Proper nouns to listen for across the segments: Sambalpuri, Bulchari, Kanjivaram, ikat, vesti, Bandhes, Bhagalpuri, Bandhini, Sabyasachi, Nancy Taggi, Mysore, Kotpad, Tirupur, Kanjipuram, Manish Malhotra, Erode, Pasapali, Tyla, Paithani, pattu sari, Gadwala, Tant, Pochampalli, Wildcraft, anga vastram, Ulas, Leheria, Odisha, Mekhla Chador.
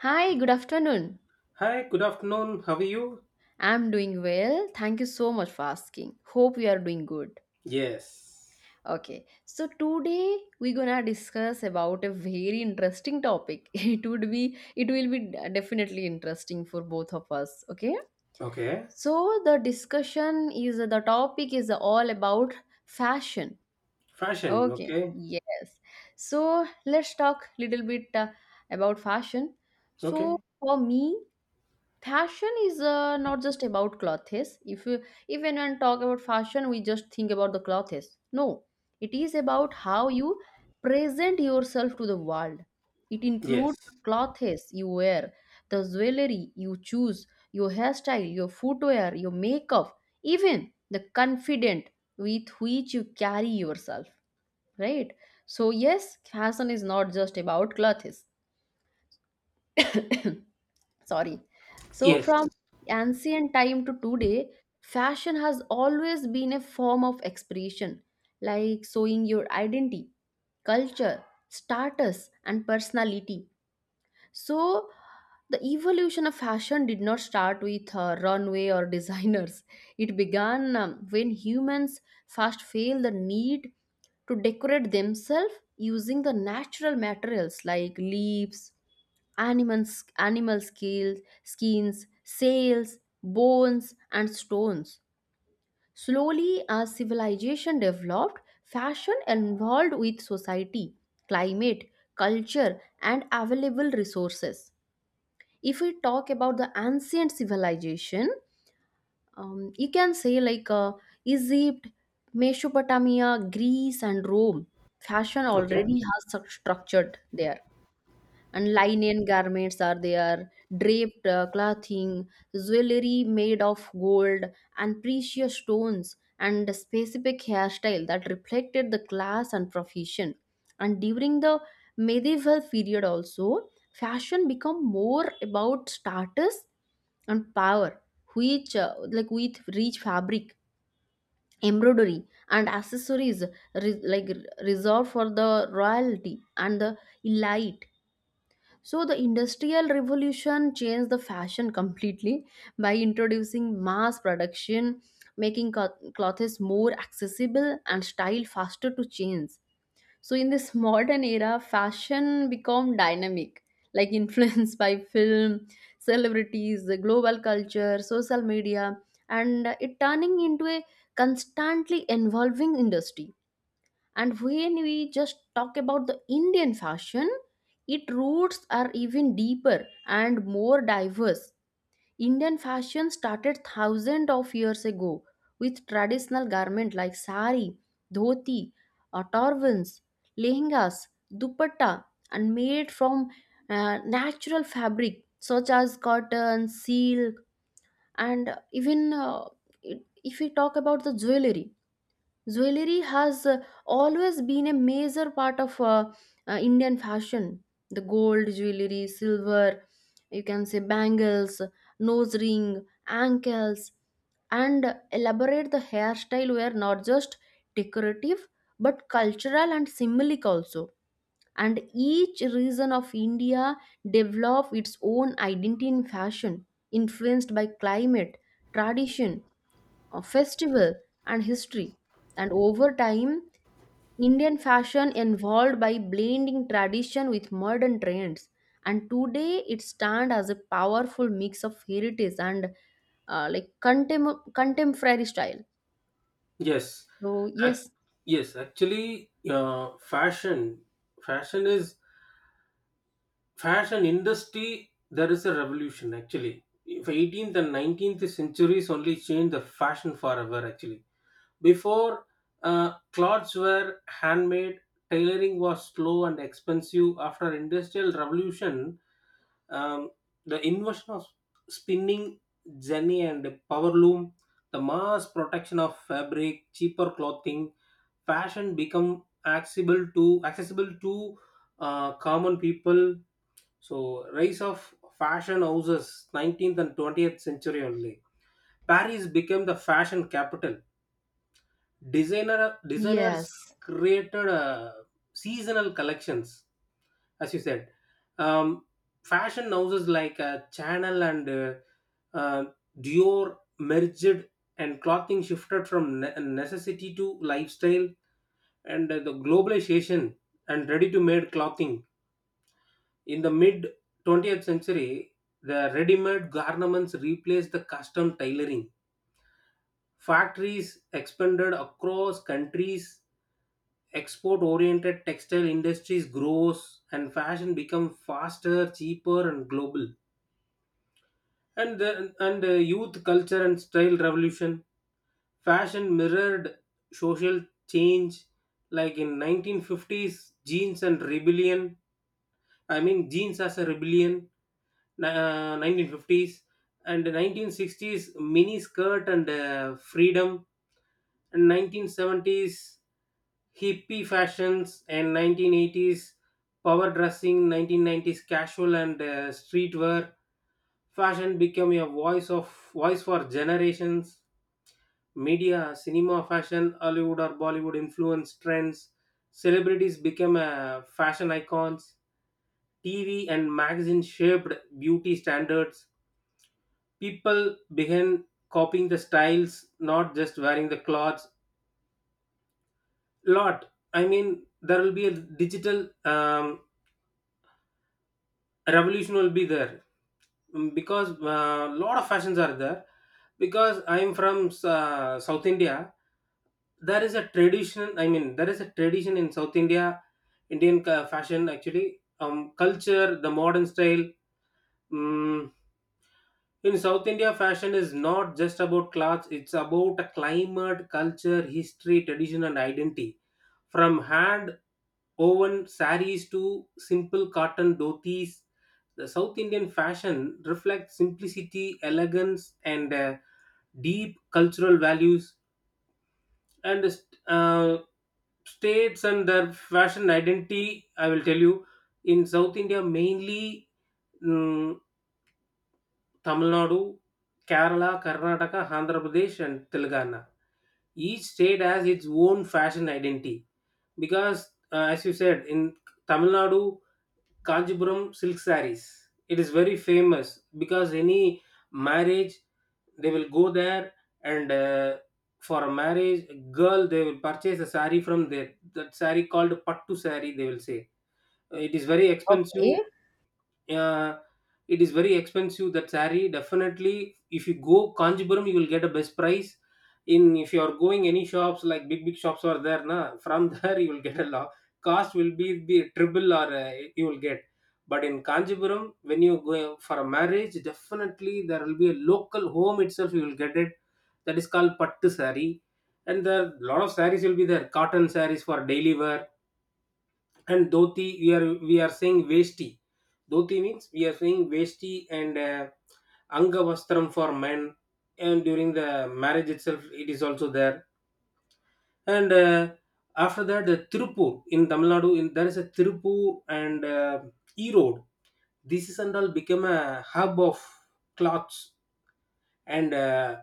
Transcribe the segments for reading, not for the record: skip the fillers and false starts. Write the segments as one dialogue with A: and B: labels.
A: Hi, good afternoon.
B: Hi, good afternoon. How are you?
A: I'm doing well. Thank you so much for asking. Hope you are doing good.
B: Yes.
A: Okay, so today we're gonna discuss about a very interesting topic. It will be definitely interesting for both of us. Okay,
B: Okay.
A: so the topic is all about fashion.
B: Fashion.
A: Okay,
B: Okay.
A: yes. So let's talk little bit about fashion. So
B: Okay.
A: for me, fashion is not just about clothes. If anyone talk about fashion, we just think about the clothes. No, it is about how you present yourself to the world. It includes
B: Yes.
A: the clothes you wear, the jewelry you choose, your hairstyle, your footwear, your makeup, even the confident with which you carry yourself, right? So yes, fashion is not just about clothes. Sorry. So
B: Yes.
A: from ancient time to today, fashion has always been a form of expression, like showing your identity, culture, status and personality. So the evolution of fashion did not start with runway or designers. It began when humans first felt the need to decorate themselves using the natural materials like leaves, animal scales, skins, sails, bones, and stones. Slowly, as civilization developed, fashion evolved with society, climate, culture, and available resources. If we talk about the ancient civilization, you can say like Egypt, Mesopotamia, Greece, and Rome. Fashion
B: Okay.
A: already has such structured there, and linen garments are there, draped clothing, jewelry made of gold and precious stones, and a specific hairstyle that reflected the class and profession. And during the medieval period also, fashion become more about status and power, which like with rich fabric, embroidery, and accessories like reserved for the royalty and the elite. So, the Industrial Revolution changed the fashion completely by introducing mass production, making clothes more accessible and style faster to change. So, in this modern era, fashion become dynamic, like influenced by film, celebrities, the global culture, social media, and it turning into a constantly evolving industry. And when we just talk about the Indian fashion, its roots are even deeper and more diverse. Indian fashion started thousands of years ago with traditional garment like sari, dhoti, turbans, lehengas, dupatta, and made from natural fabric such as cotton, silk, and even if we talk about the jewelry. Jewelry has always been a major part of Indian fashion. The gold jewelry, silver, you can say bangles, nose ring, ankles, and elaborate the hairstyle were not just decorative but cultural and symbolic also. And each region of India developed its own identity in fashion, influenced by climate, tradition, festival, and history. And over time, Indian fashion evolved by blending tradition with modern trends, and today it stands as a powerful mix of heritage and like contemporary style.
B: Yes.
A: So
B: Ac
A: yes.
B: Yes. Actually, fashion. Fashion is Fashion industry. There is a revolution. Actually, if 18th and 19th centuries only changed the fashion forever. Actually, before clothes were handmade, tailoring was slow and expensive. After industrial revolution, um, the invention of spinning jenny and power loom, the mass protection of fabric, cheaper clothing, fashion become accessible to common people. So rise of fashion houses, 19th and 20th century only, Paris became the fashion capital. Designers
A: Yes.
B: created seasonal collections. As you said, um, fashion houses like Channel and uh, Dior merged, and clothing shifted from necessity to lifestyle. And the globalization and ready-to-made clothing in the mid 20th century, the ready-made garments replaced the custom tailoring. Factories expanded across countries. Export-oriented textile industries grows and fashion become faster, cheaper and global. And the youth culture and style revolution, fashion mirrored social change, like in 1950s jeans and rebellion, I mean jeans as a rebellion. 1950s and 1960s mini skirt and freedom, and 1970s hippie fashions, and 1980s power dressing, 1990s casual and streetwear. Fashion became a voice for generations. Media, cinema fashion, Hollywood or Bollywood influence trends. Celebrities became fashion icons. TV and magazine shaped beauty standards. People began copying the styles, not just wearing the clothes. Lot I mean, there will be a digital revolution will be there. Because a lot of fashions are there, because I'm from south India, there is a tradition, I mean, there is a tradition in south India. Indian fashion actually, culture, the modern style. mm in south India, fashion is not just about clothes, it's about a climate, culture, history, tradition and identity. From hand woven saris to simple cotton dhotis, the South Indian fashion reflects simplicity, elegance, and deep cultural values. And uh, states and their fashion identity, I will tell you, in South India mainly, mm, Tamil Nadu, Kerala, Karnataka, Andhra Pradesh, and Telangana. Each state has its own fashion identity. Because, as you said, in Tamil Nadu, Kanjipuram silk sarees. It is very famous because any marriage, they will go there, and for a marriage girl they will purchase a sari from there. That sari called pattu sari, they will say. It is very expensive.
A: Okay,
B: uh, it is very expensive, that saree. Definitely, if you go Kanjipuram you will get a best price. In, if you are going any shops, like big big shops are there na, from there you will get a lot, cost will be triple, or you will get. But in Kanjipuram when you go for a marriage, definitely there will be a local home itself, you will get it. That is called pattu saree. And there, lot of sarees will be there, cotton sarees for daily wear. And dhoti, we are saying vesti. Dhoti means we are saying vesti. And anga vastram for men, and during the marriage itself it is also there. And after that, the Tirupur. In Tamil Nadu there is a Tirupur, and Erode. This is and all become a hub of cloths. And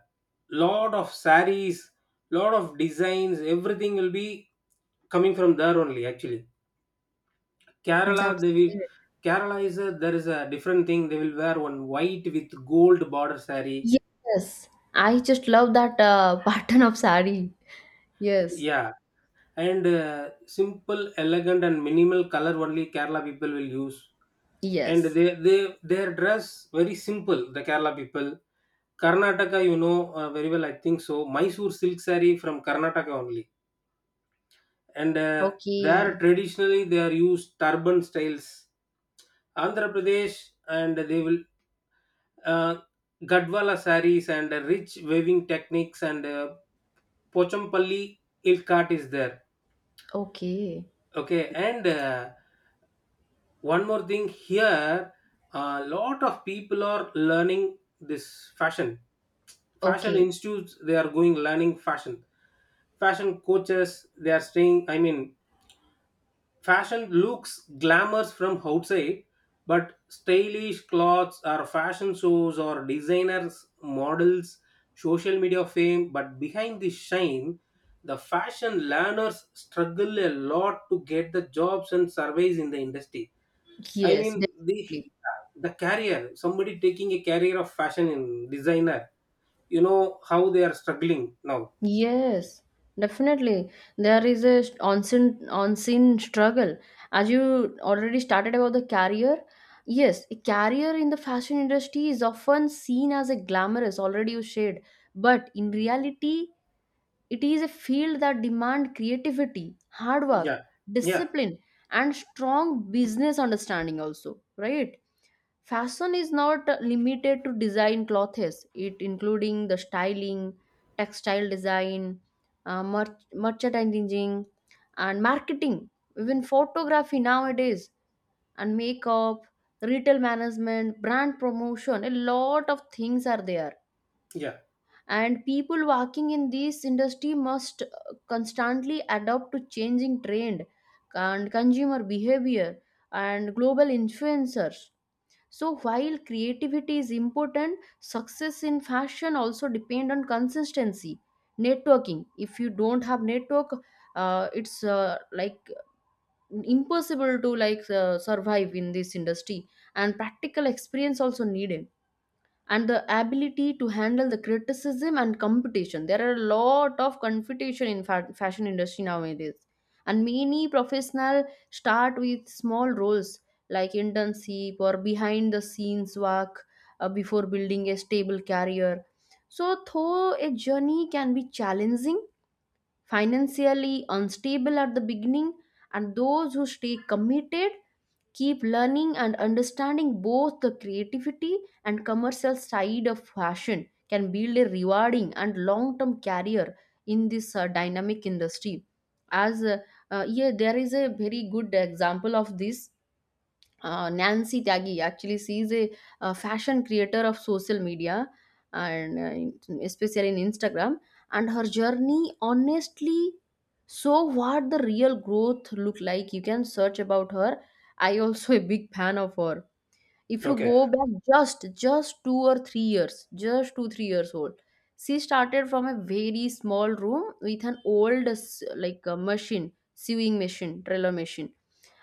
B: lot of saris, lot of designs, everything will be coming from there only, actually. Kerala,
A: that's great.
B: Kerala is a there is a different thing. They will wear one white with gold border saree.
A: Yes, I just love that pattern of sari. Yes,
B: Yeah, and simple, elegant, and minimal color only Kerala people will use. And
A: yes.
B: they their dress very simple, the Kerala people. Karnataka, you know very well, I think so. Mysore silk saree from Karnataka only, and there
A: Okay,
B: traditionally they are used turban styles. Andhra Pradesh, and they will, uh, Gadwala sarees and rich weaving techniques, and Pochampalli ilk art is there.
A: okay,
B: Okay, and one more thing here, a lot of people are learning this fashion. Fashion
A: okay.
B: institutes they are going, learning fashion. Fashion coaches they are staying. I mean, fashion looks glamorous from outside, but stylish clothes or fashion shows or designers, models, social media fame, but behind the shine, the fashion learners struggle a lot to get the jobs and surveys in the industry. I
A: Yes,
B: mean the
A: definitely.
B: the career, somebody taking a career of fashion in designer, you know how they are struggling now.
A: Yes, definitely. There is a on-scene struggle. As you already started about the career, yes, a career in the fashion industry is often seen as a glamorous, already you shared, but in reality, it is a field that demands creativity, hard work,
B: Yeah. Yeah.
A: discipline, and strong business understanding, also, right? Fashion is not limited to design clothes, it including the styling, textile design, merchandising, and marketing, even photography nowadays, and makeup, retail management, brand promotion. A lot of things are there,
B: Yeah.
A: and people working in this industry must constantly adapt to changing trend and consumer behavior and global influencers. So while creativity is important, success in fashion also depend on consistency, networking. If you don't have network, it's like impossible to like survive in this industry. And practical experience also needed, and the ability to handle the criticism and competition. There are a lot of competition in fashion industry nowadays. And many professional start with small roles like internship or behind the scenes work before building a stable career. So though a journey can be challenging, financially unstable at the beginning, and those who stay committed, keep learning and understanding both the creativity and commercial side of fashion, can build a rewarding and long-term career in this dynamic industry. As Yeah, there is a very good example of this. Nancy Taggy, actually she's a fashion creator of social media, and especially in Instagram. And her journey honestly, so what the real growth look like, you can search about her. I also a big fan of her. If you
B: Okay.
A: go back just 2 or 3 years, just 2, 3 years old, she started from a very small room with an old like a machine sewing machine, trailer machine,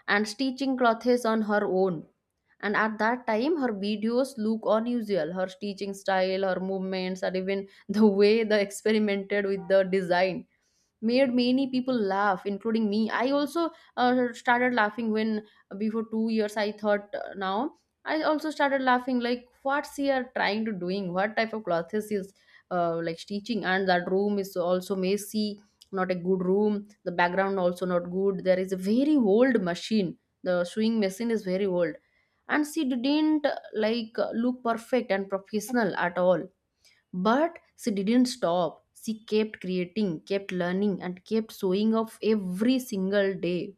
A: and stitching clothes on her own. And at that time, her videos look unusual. Her stitching style, her movements, and even the way they experimented with the design made many people laugh including me. I also started laughing when before 2 years I thought, now I also started laughing, like what's he are trying to doing, what type of clothes is like teaching. And that room is also messy, not a good room, the background also not good. There is a very old machine, the sewing machine is very old. And she didn't look perfect and professional at all. But she didn't stop. She kept creating, kept learning, and kept showing up every single day.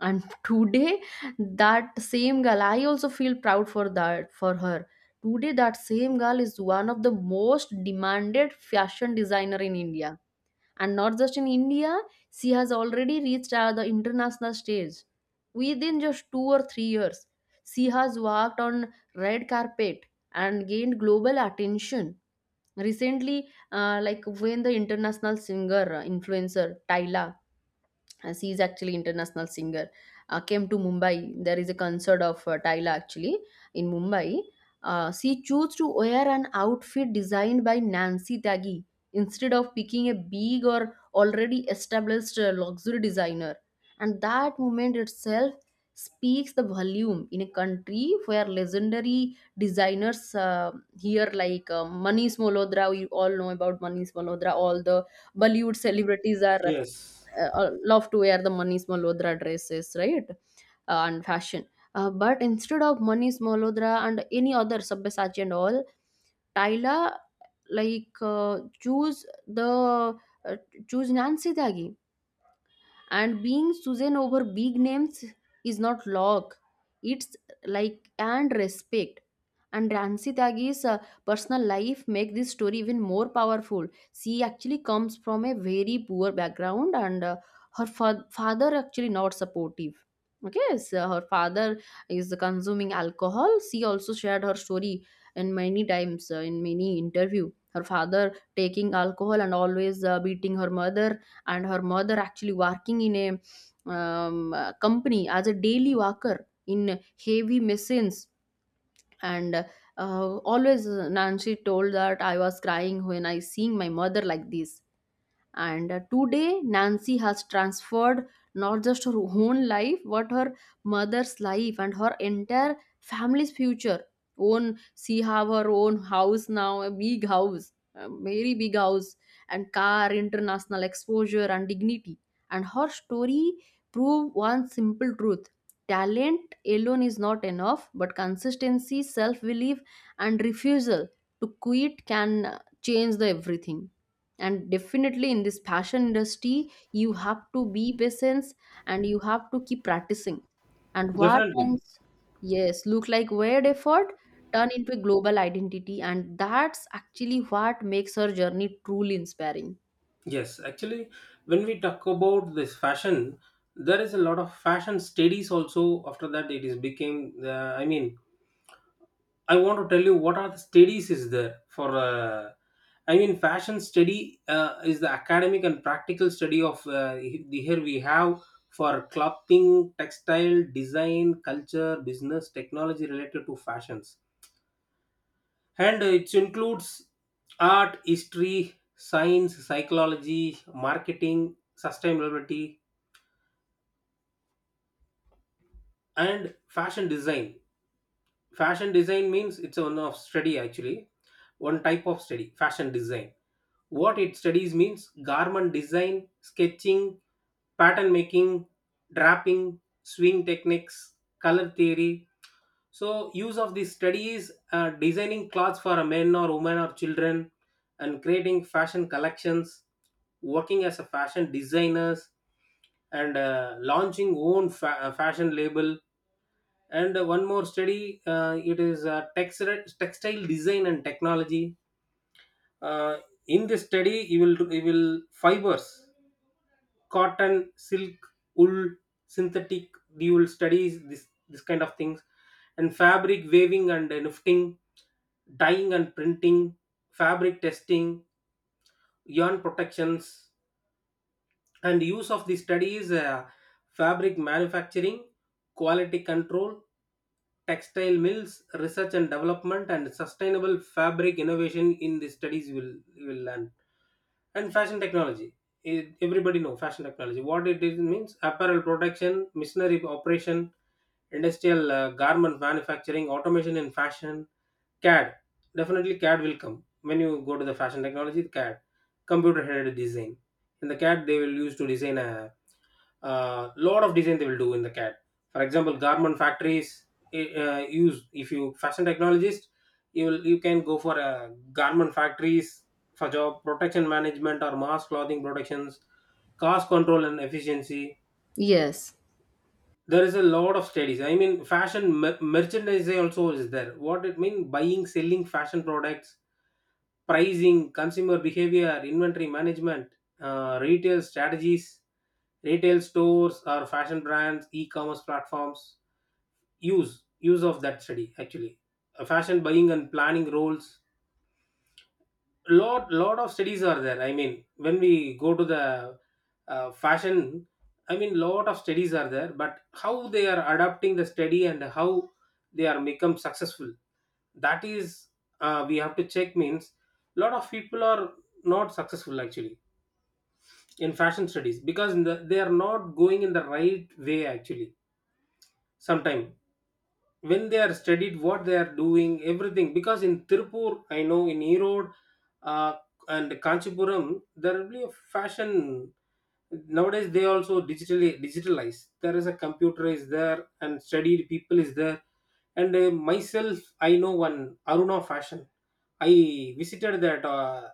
A: And today, that same girl, I also feel proud for that, for her. Today, that same girl is one of the most demanded fashion designer in India, and not just in India, she has already reached the international stage within just 2 or 3 years. She has walked on red carpet and gained global attention recently. Like when the international singer, influencer Tyla, as he is actually international singer, came to Mumbai, there is a concert of Tyla actually in Mumbai. She chose to wear an outfit designed by Nancy Taggi instead of picking a big or already established luxury designer. And that moment itself speaks the volume in a country where legendary designers, here like Manish Malhotra, we all know about Manish Malhotra, all the Bollywood celebrities are
B: Yes.
A: love to wear the Manish Malhotra dresses, right? And fashion. But instead of Manish Malhotra and any other Sabyasachi and all, Tyla choose the uh, choose Nancy Tyagi. And being Susan over big names is not luck. It's like and respect. And Ransi Tyagi's personal life make this story even more powerful. She actually comes from a very poor background, and her father actually not supportive. Okay, so her father is consuming alcohol. She also shared her story in many times in many interview. Her father taking alcohol and always beating her mother, and her mother actually working in a company as a daily worker in heavy machines. And always Nancy told that I was crying when I seeing my mother like this. And today Nancy has transferred not just her own life but her mother's life and her entire family's future. Own, she have her own house now, a big house, a very big house, and car, international exposure, and dignity. And her story prove one simple truth: talent alone is not enough, but consistency, self belief, and refusal to quit can change the everything. And definitely in this fashion industry you have to be patient, and you have to keep practicing. And what
B: Definitely.
A: once yes look like weird effort turn into a global identity, and that's actually what makes her journey truly inspiring.
B: Yes, actually, when we talk about this fashion, there is a lot of fashion studies also. After that, it is became the. I mean, I want to tell you what are the studies is there for. I mean, fashion study is the academic and practical study of here we have for clothing, textile, design, culture, business, technology related to fashions. And it includes art, history, science, psychology, marketing, sustainability, and fashion design. Fashion design means, it's one of study actually, one type of study, fashion design. What it studies means garment design, sketching, pattern making, draping, swing techniques, color theory. So use of these studies, designing clothes for a men or women or children, and creating fashion collections, working as a fashion designers, and launching own fashion label. And one more study, it is textile design and technology. Uh, in this study, you will fibers, cotton, silk, wool, synthetic, dual studies, this kind of things, and fabric weaving and knifting, dyeing and printing, fabric testing, yarn protections. And use of the studies, fabric manufacturing, quality control, textile mills, research and development, and sustainable fabric innovation, in the studies will learn. And fashion technology, eh, everybody know fashion technology what it is, means apparel production, machinery operation, industrial garment manufacturing, automation in fashion, CAD. Definitely CAD will come. When you go to the fashion technology, CAD, computer headed design. In the CAD, they will use to design a lot of design they will do in the CAD. For example, garment factories, if you fashion technologist, you can go for garment factories for job protection management or mass clothing productions, cost control and efficiency.
A: Yes.
B: There is a lot of studies, I mean fashion merchandise also is there. What it mean, buying, selling fashion products, pricing, consumer behavior, inventory management, retail strategies, retail stores or fashion brands, e-commerce platforms, use of that study actually. Fashion buying and planning roles, lot of studies are there. I mean, when we go to the fashion, I mean lot of studies are there, but how they are adapting the study and how they are become successful, that is, we have to check, means lot of people are not successful actually in fashion studies, because in the, they are not going in the right way actually, sometime, when they are studied, what they are doing, everything. Because in Tirupur, I know, in Erode, uh, and Kanchipuram, there will be a fashion. Nowadays they also digitally digitalize, there is a computer is there, and studied people is there. And myself, I know one Aruna fashion. I visited that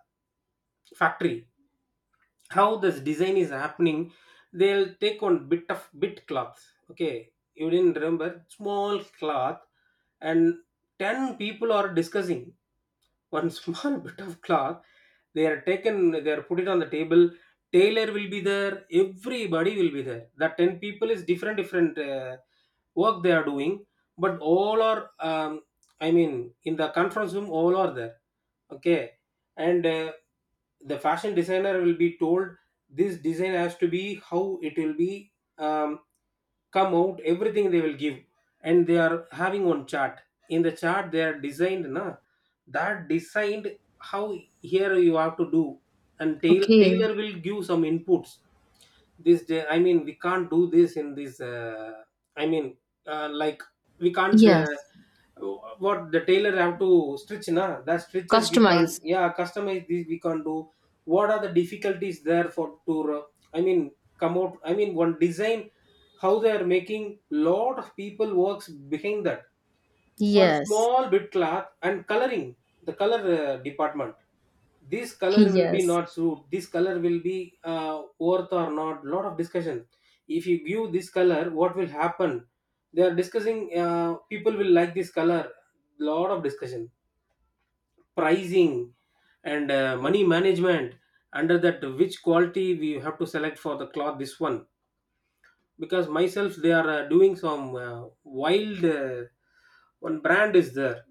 B: factory. How this design is happening, they'll take on bit of bit cloth. Okay, you didn't remember, small cloth. And 10 people are discussing one small bit of cloth. They are taken, they are put it on the table, tailor will be there, everybody will be there. That 10 people is different different work they are doing, but all are, um, I mean, in the conference room all are there. Okay, and the fashion designer will be told, this design has to be how it will be um, come out, everything they will give. And they are having one chart, in the chart they are designed na, that designed, how, here you have to do. And
A: Okay.
B: tailor will give some inputs. This day, I mean we can't do this in this I mean like, we can't,
A: Yes.
B: what the tailor have to stitch na, that stitches, we can't,
A: Customize.
B: yeah, customize this, we can't do. What are the difficulties there for to, I mean come out, I mean one design, how they are making, lot of people works behind that, one
A: Yes.
B: small bit cloth. And coloring, the color department, this color will be
A: Yes.
B: not suit, this color will be worth or not, lot of discussion. If you give this color what will happen, they are discussing, people will like this color, lot of discussion, pricing, and money management, under that which quality we have to select for the cloth, this one. Because myself, they are doing some wild, one brand is there,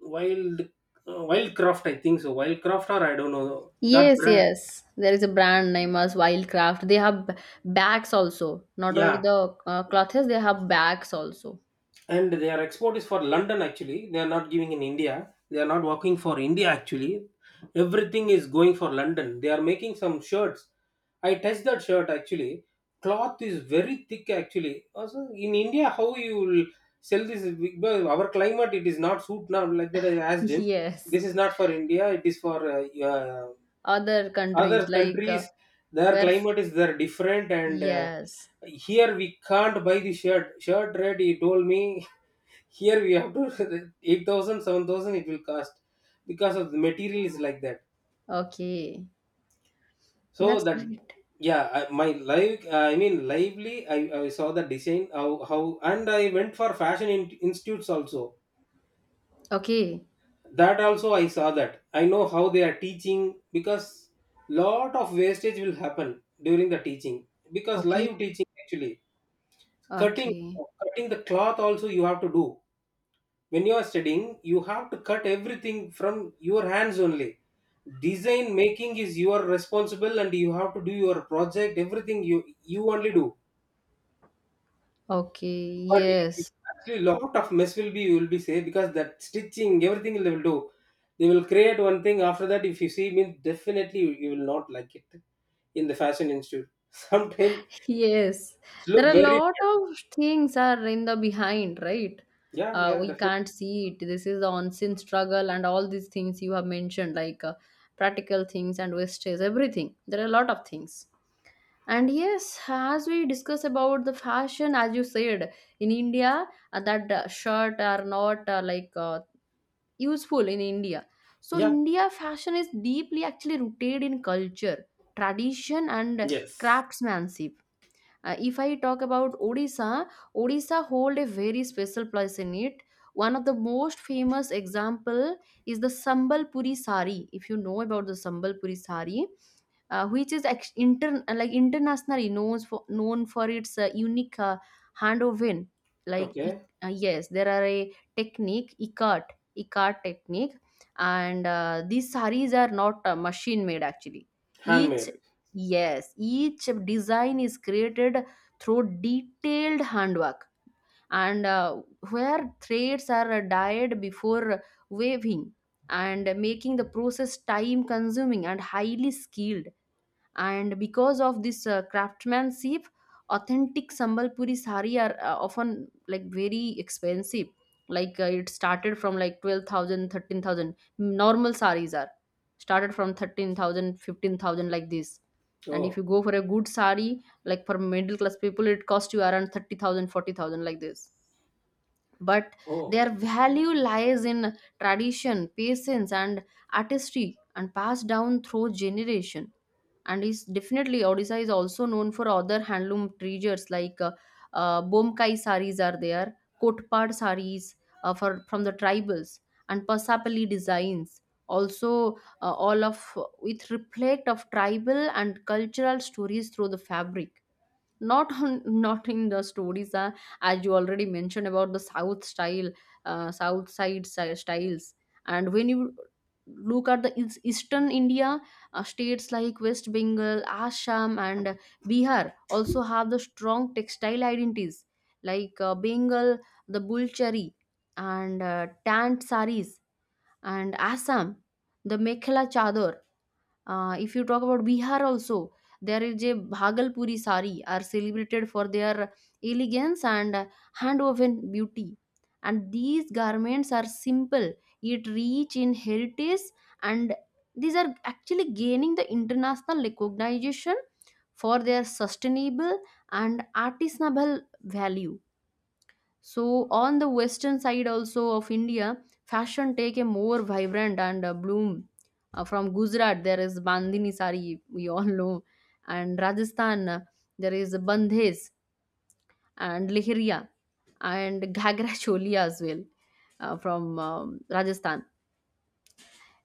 B: wild, Wildcraft I think so. Wildcraft, or I don't know that
A: Yes,
B: brand.
A: yes. There is a brand name as Wildcraft. They have bags also. Not only
B: Yeah.
A: the clothes, they have bags also.
B: And their export is for London actually, they are not giving in India, they are not working for India actually, everything is going for London. They are making some shirts, I touched that shirt actually, cloth is very thick actually. Also in India how you will sell this, because our climate it is not suit now, like that I asked him.
A: Yes,
B: This is not for India, it is for uh,
A: other
B: other
A: countries like
B: countries. Their
A: where?
B: climate is, they're different, and
A: Yes,
B: here we can't buy the shirt. Shirt rate, he told me, here we have to 8,000 seven thousand, it will cost, because of the material is like that.
A: okay, that's
B: So that,
A: great.
B: yeah, I, my live I mean lively, I saw the design, how, and I went for fashion institutes also.
A: Okay,
B: That also I saw that. I know how they are teaching, because lot of wastage will happen during the teaching, because
A: okay,
B: live teaching actually. cutting
A: okay,
B: Cutting the cloth also you have to do, when you are studying you have to cut everything from your hands only. Design making is your responsible, and you have to do your project, everything you, you only do.
A: okay.
B: But
A: Yes,
B: actually lot of mess will be, you will be say, because that stitching everything they will do, they will create one thing. After that if you see means, definitely you, you will not like it in the fashion institute. Sometimes
A: yes.
B: it's
A: There
B: look
A: are a
B: very
A: lot
B: bad.
A: of things are in the behind, right?
B: Yeah, yeah,
A: We
B: definitely.
A: can't see it. This is the unseen struggle and all these things you have mentioned, like practical things and wastages, everything. There are a lot of things. And yes, as we discuss about the fashion, as you said, in India, that shirt are not useful in India. So
B: Yeah.
A: India fashion is deeply actually rooted in culture, tradition, and
B: Yes.
A: craftsmanship. If I talk about Odisha, Odisha hold a very special place in it. One of the most famous example is the Sambalpuri sari. If you know about the Sambalpuri sari, which is internationally known for its unique hand woven
B: Okay.
A: yes there are a technique ikat technique. And these saris are not machine made actually, each
B: Handmade.
A: yes, each design is created through detailed handwork, and where threads are dyed before weaving, and making the process time consuming and highly skilled. And because of this craftsmanship, authentic sambalpuri sari are often like very expensive. It started from like 12,000, 13,000. Normal saris are started from 13,000, 15,000, like this. And if
B: Oh.
A: you go for a good sari, like for middle class people, it costs you around 30,000, 40,000, like this. But
B: Oh.
A: their value lies in tradition, patience, and artistry, and passed down through generation. And is definitely odisha is also known for other handloom treasures, like bomkai saris are there, kotpad saris, for from the tribals, and pasapali designs also, all of which reflect of tribal and cultural stories through the fabric. Not on not in the stories. As you already mentioned about the south style, styles. And when you look at the eastern india, states like west bengal, assam, and bihar also have the strong textile identities, like bengal the bulchari and tant saris, and assam the mekhla chador. If you talk about Bihar also, there is a Bhagalpuri sari are celebrated for their elegance and hand-woven beauty. And these garments are simple, yet rich in heritage, and these are actually gaining the international recognition for their sustainable and artisanal value. So, on the western side also of India, fashion take a more vibrant and bloom. From Gujarat, there is Bandhini sari, we all know, and Rajasthan, there is Bandhes and Leheria and Ghagra choli as well, from Rajasthan.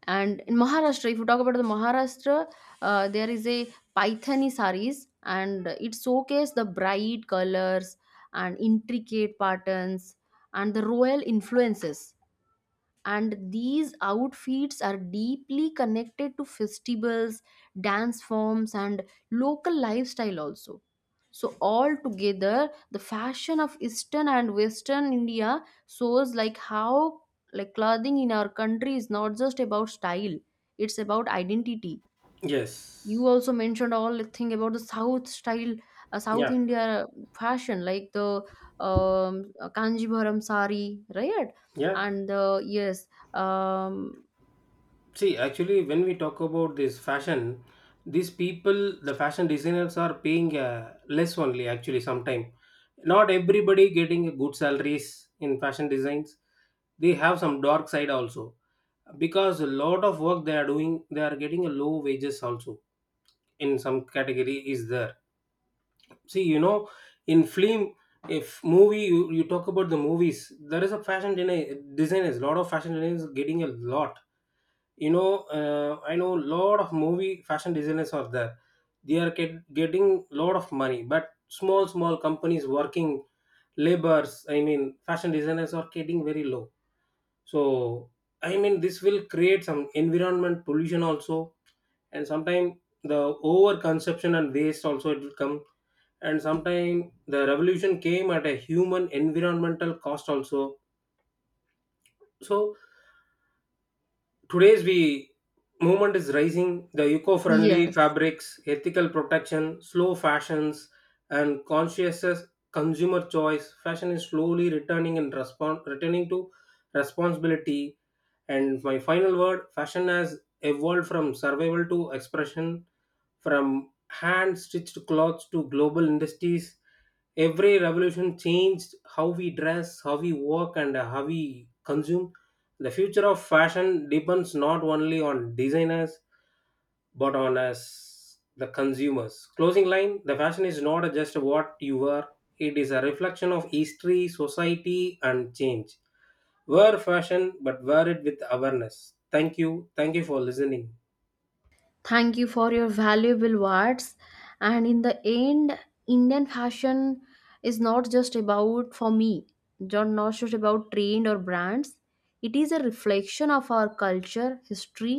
A: And in Maharashtra, if you talk about the Maharashtra, there is a Paithani saris, and it showcases the bright colors and intricate patterns and the royal influences. And these outfits are deeply connected to festivals, dance forms, and local lifestyle also. So all together the fashion of eastern and western india shows like how like clothing in our country is not just about style, it's about identity. You
B: Yes.
A: also mentioned all the thing about the south style, south
B: Yeah.
A: india fashion, like the kanjivaram sari, right?
B: Yeah.
A: And the yes. um,
B: See, actually, when we talk about this fashion, these people, the fashion designers are paying less only. Actually, sometime not everybody getting a good salaries in fashion designs. They have some dark side also, because a lot of work they are doing, they are getting a low wages also, in some category is there. See, you know, in film, if movie, you talk about the movies, there is a fashion designers. Lot of fashion designers getting a lot. You know, I know lot of movie fashion designers are there, they are getting lot of money. But small small companies working labors, I mean fashion designers are getting very low. So, I mean this will create some environment pollution also. And sometimes the over consumption and waste also it will come, and sometimes the revolution came at a human environmental cost also. So today's, we movement is rising, the eco-friendly
A: yes
B: fabrics, ethical protection, slow fashions, and conscious consumer choice. Fashion is slowly returning in response, returning to responsibility. And my final word: fashion has evolved from survival to expression, from hand stitched clothes to global industries. Every revolution changed how we dress, how we work, and how we consume. The future of fashion depends not only on designers, but on us, the consumers. Closing line: the fashion is not just what you wear; it is a reflection of history, society, and change. Wear fashion, but wear it with awareness. Thank you. Thank you for listening.
A: thank you for your valuable words. And in the end, indian fashion is not just about, for me, not just about trend or brands. It is a reflection of our culture, history,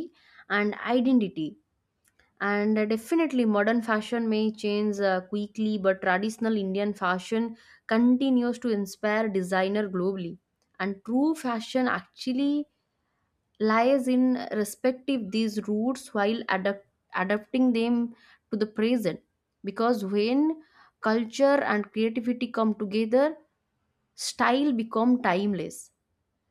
A: and identity. And definitely modern fashion may change quickly, but traditional indian fashion continues to inspire designer globally. And true fashion actually lies in respective these roots while adapting them to the present, because when culture and creativity come together, style become timeless,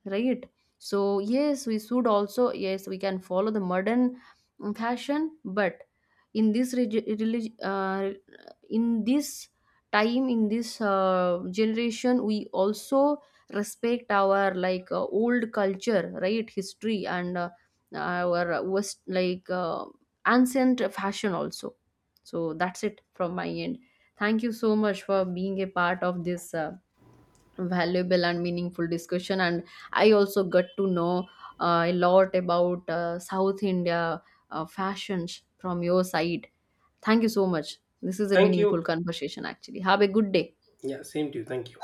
A: right? So yes, we should also, yes, we can follow the modern, fashion, but in this regi- relig- uh, in this time, in this generation, we also respect our, like, old culture, right, history, and our west, like, ancient fashion also. So that's it from my end. Thank you so much for being a part of this valuable and meaningful discussion, and I also got to know a lot about south india fashions from your side. Thank you so much, this is a
B: Thank
A: meaningful
B: you.
A: conversation actually. Have a good day.
B: Yeah, same to you. Thank you.